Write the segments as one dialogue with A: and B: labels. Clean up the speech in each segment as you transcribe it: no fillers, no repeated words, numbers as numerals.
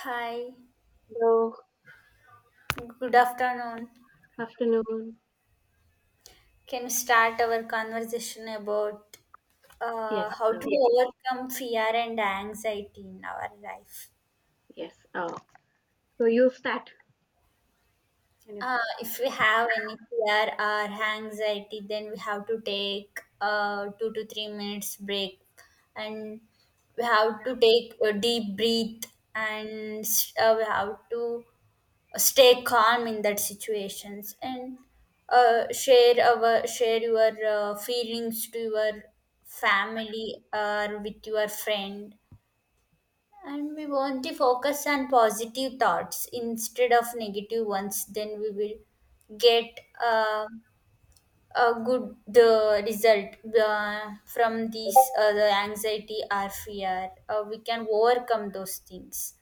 A: Hi,
B: Hello,
A: good afternoon.
B: afternoon.
A: Can we start our conversation about
B: Yes,
A: how to overcome fear and anxiety in our life?
B: yes. So you start. Can you start?
A: If we have any fear or anxiety, then we have to take 2 to 3 minutes break, and we have to take a deep breath, and we have to stay calm in that situations, and share our share your feelings to your family or with your friend. And we want to focus on positive thoughts instead of negative ones. Then we will get a good the result from the anxiety or fear. We can overcome those things,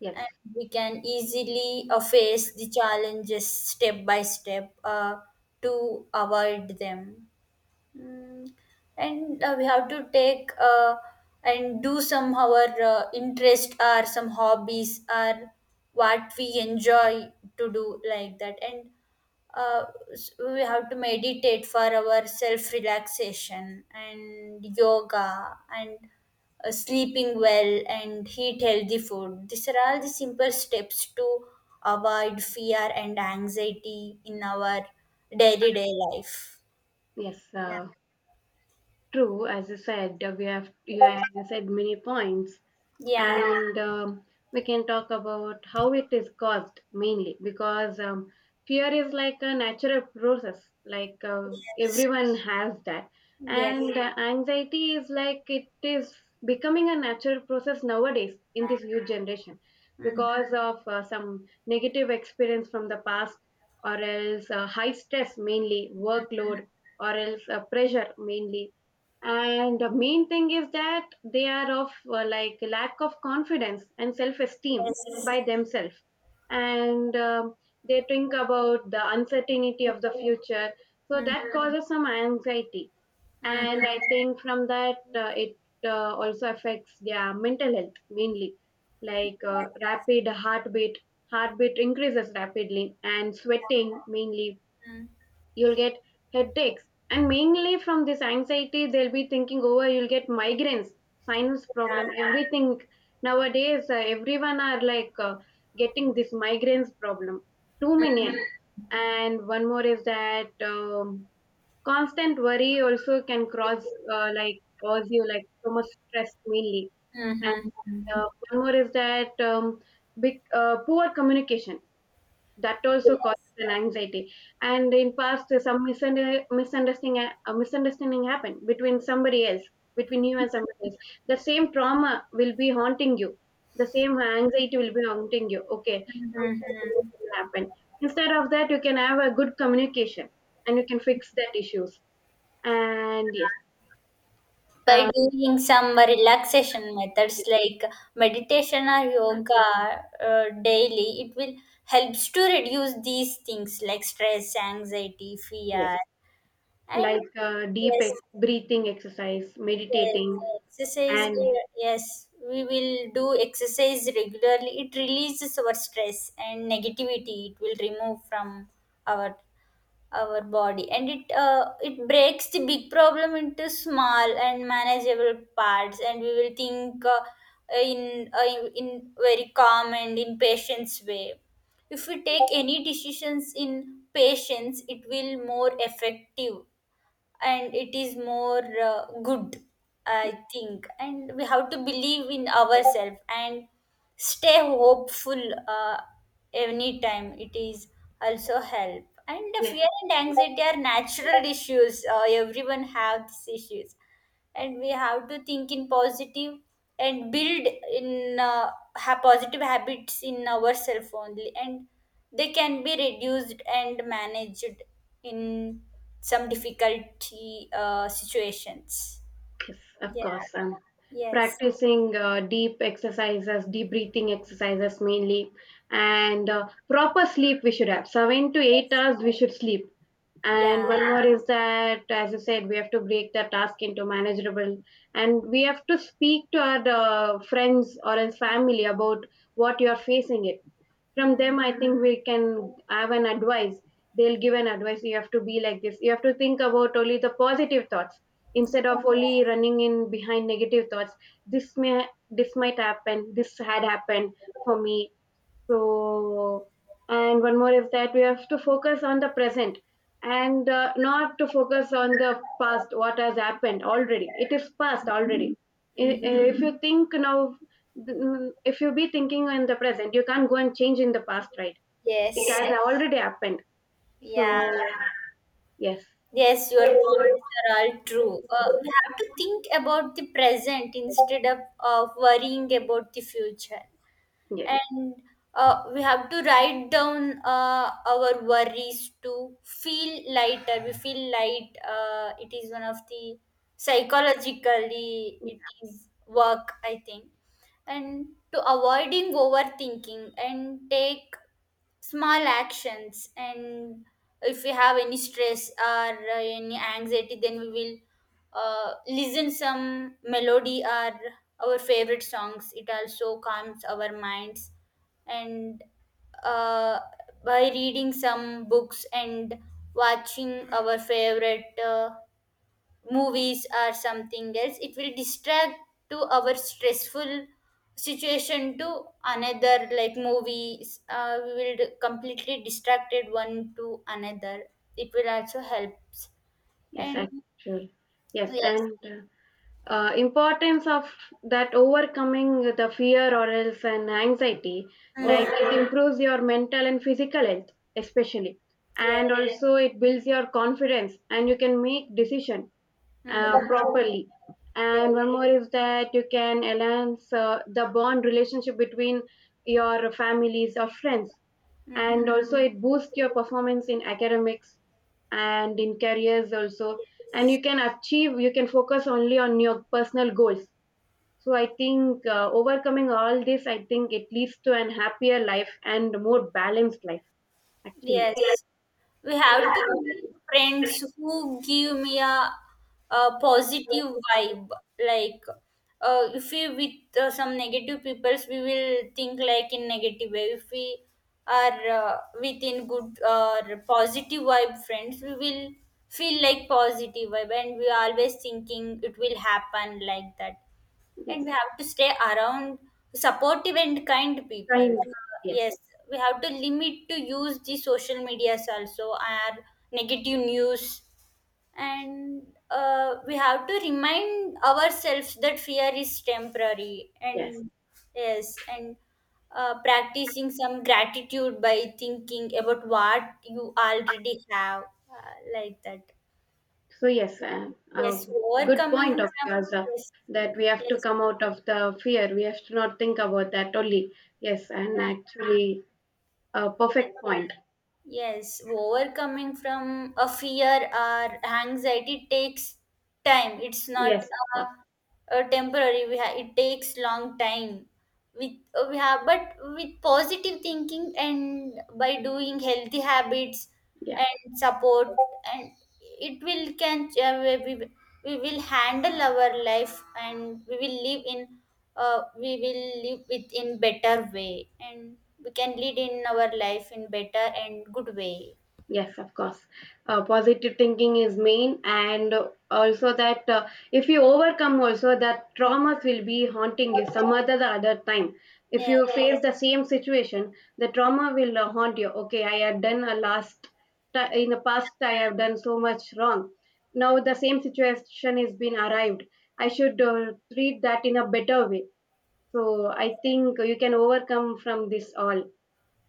B: Yes,
A: and we can easily face the challenges step by step to avoid them. Mm. And we have to take and do some our interest or some hobbies or what we enjoy to do like that. And uh, we have to meditate for our self relaxation and yoga, and sleeping well and eat healthy food. These are all the simple steps to avoid fear and anxiety in our day to day life.
B: yes.
A: Yeah.
B: True. As you said, we have you have said many points,
A: Yeah.
B: and we can talk about how it is caused mainly because fear is like a natural process, like,
A: Yes.
B: everyone has that.
A: Yes.
B: And anxiety is like it is becoming a natural process nowadays in this youth generation,
A: Mm.
B: because of some negative experience from the past, or else high stress, mainly workload, or else pressure mainly. And the main thing is that they are of, like, lack of confidence and self-esteem
A: Yes.
B: by themselves. And they think about the uncertainty of the future, so
A: Mm.
B: that causes some anxiety.
A: Mm.
B: And I think from that it also affects their mental health, mainly like, rapid heartbeat, heartbeat increases rapidly, and sweating mainly.
A: Mm.
B: You'll get headaches. And mainly from this anxiety they'll be thinking over, you'll get migraines, sinus problem,
A: Yeah.
B: everything. Nowadays, everyone are like, getting this migraines problem, too many. And one more is that constant worry also can cause, like, cause you like so much stress, mainly.
A: Mm.
B: And
A: Mm. Mm.
B: uh, one more is that poor communication, that also causes an anxiety. And in past some misunderstanding happened between you and somebody else. The same trauma will be haunting you, the same anxiety will be haunting you, okay, something
A: Mhm.
B: will happen. Instead of that, you can have a good communication, and you can fix that issues. And yes,
A: By
B: uh,
A: doing some relaxation methods
B: yes,
A: like meditation or
B: um,
A: yoga daily, it will helps to reduce these things like stress, anxiety,
B: yes,
A: fear, and
B: like, deep
A: yes,
B: breathing exercise,
A: Yes,
B: meditating,
A: exercise.
B: and
A: Yes, we will do exercise regularly. It releases our stress and negativity. It will remove from our body, and it breaks the big problem into small and manageable parts, and we will think in very calm and in patience way. If we take any decisions in patience, it will more effective, and it is more good, I think. And we have to believe in ourselves and stay hopeful uh, anytime. It is also help, and the fear and anxiety are natural issues. Everyone have these issues, and we have to think in positive and build in uh, positive habits in ourselves only, and they can be reduced and managed in some difficulty situations.
B: yes, of
A: Yeah.
B: course. I'm
A: Yes.
B: practicing, deep exercises, deep breathing exercises, mainly, and proper sleep we should have. Seven to eight
A: Yes.
B: hours we should sleep. And
A: Yeah.
B: one more is that, as you said, we have to break the task into manageable, and we have to speak to our, friends or else family, about what you are facing it. From
A: Mm.
B: them, I think we can have an advice. They'll give an advice. You have to be like this. You have to think about only the positive thoughts instead of only running in behind negative thoughts. this may this might happen, this had happened for me, so. And one more is that we have to focus on the present, and not to focus on the past. What has happened already, it is past already. I-
A: Mhm.
B: if you think now, if you be thinking in the present, you can't go and change in the past, right? It
A: Yes.
B: has already happened, so
A: Yeah.
B: yes.
A: Yes, your points are all true. We have to think about the present instead of, worrying about the future.
B: Yes,
A: And we have to write down our worries to feel lighter. We feel light. It is one of the psychologically it is work, I think, and to avoiding overthinking and take small actions. And if we have any stress or any anxiety, then we will listen some melody or our favorite songs. It also calms our minds. And uh, by reading some books and watching our favorite movies or something else, it will distract to our stressful situation to another. Like movies, we will completely distracted one to another. It will also helps.
B: yes,
A: And
B: actually. Yes,
A: yes.
B: and importance of that, overcoming the fear or else and anxiety, like
A: Mhm.
B: it improves your mental and physical health, especially.
A: Yeah.
B: And also it builds your confidence, and you can make decision
A: Mhm.
B: properly.
A: Yeah.
B: And one more is that you can enhance the bond relationship between your families or friends.
A: Mm-hmm.
B: And also, it boosts your performance in academics and in careers also. And you can achieve, you can focus only on your personal goals. So, I think overcoming all this, I think it leads to an happier life and more balanced life, actually.
A: Yes, we have to make friends who give me a positive vibe. Like, if we with some negative peoples, we will think like in negative way. If we are within good or positive vibe friends, we will feel like positive vibe, and we are always thinking it will happen like that. And
B: Yes.
A: we have to stay around supportive and kind people.
B: Kind. Yes.
A: Yes, we have to limit to use the social medias also, and negative news. And we have to remind ourselves that fear is temporary.
B: Yes.
A: And yes. And practicing some gratitude by thinking about what you already have, like that.
B: So yes,
A: Yes,
B: uh, good
A: overcoming
B: point of
A: some.
B: yours,
A: Yes.
B: that we have to
A: Yes.
B: come out of the fear. We have to not think about that only. Yes, and
A: Yeah.
B: actually a perfect point.
A: Yes, overcoming from a fear or anxiety takes time. It's not
B: Yes, uh,
A: a temporary. It takes long time. With we have, but with positive thinking and by doing healthy habits
B: yeah.
A: and support, and it will can uh, we, we we will handle our life. And we will live with in better way, and we can lead in our life in better and good way.
B: Yes, of course. Positive thinking is main, and also that if you overcome also, that traumas will be haunting you some other the other time. If
A: Yeah.
B: you face the same situation, the trauma will haunt you. Okay, I have done a last in the past. I have done so much wrong. Now the same situation has been arrived. I should treat that in a better way. So I think you can overcome from this all,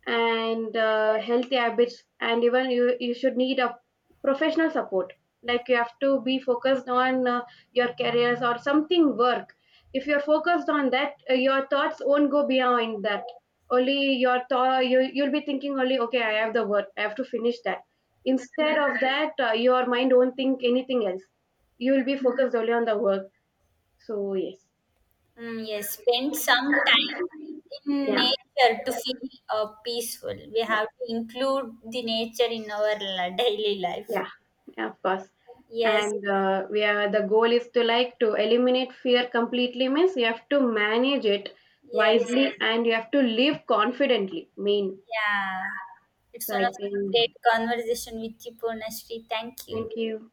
B: and healthy habits, and even you should need a professional support, like you have to be focused on your careers or something work. If you're focused on that, your thoughts won't go beyond that. Only your thought, you'll be thinking only, okay, I have the work, I have to finish that. Instead of that, your mind won't think anything else. You'll be focused only on the work, so yes.
A: Mm, yes, spend some time in
B: Yeah,
A: nature to
B: yeah.
A: feel peaceful. We have to include the nature in our daily life.
B: Yeah, yeah, of course.
A: Yes.
B: And we are the goal is to, like, to eliminate fear completely, means you have to manage it
A: Yes.
B: wisely, and you have to live confidently. Mean.
A: Yeah, it's
B: So
A: one
B: I
A: of the
B: think,
A: great conversation with you, Purnashree. Thank
B: thank
A: you.
B: you.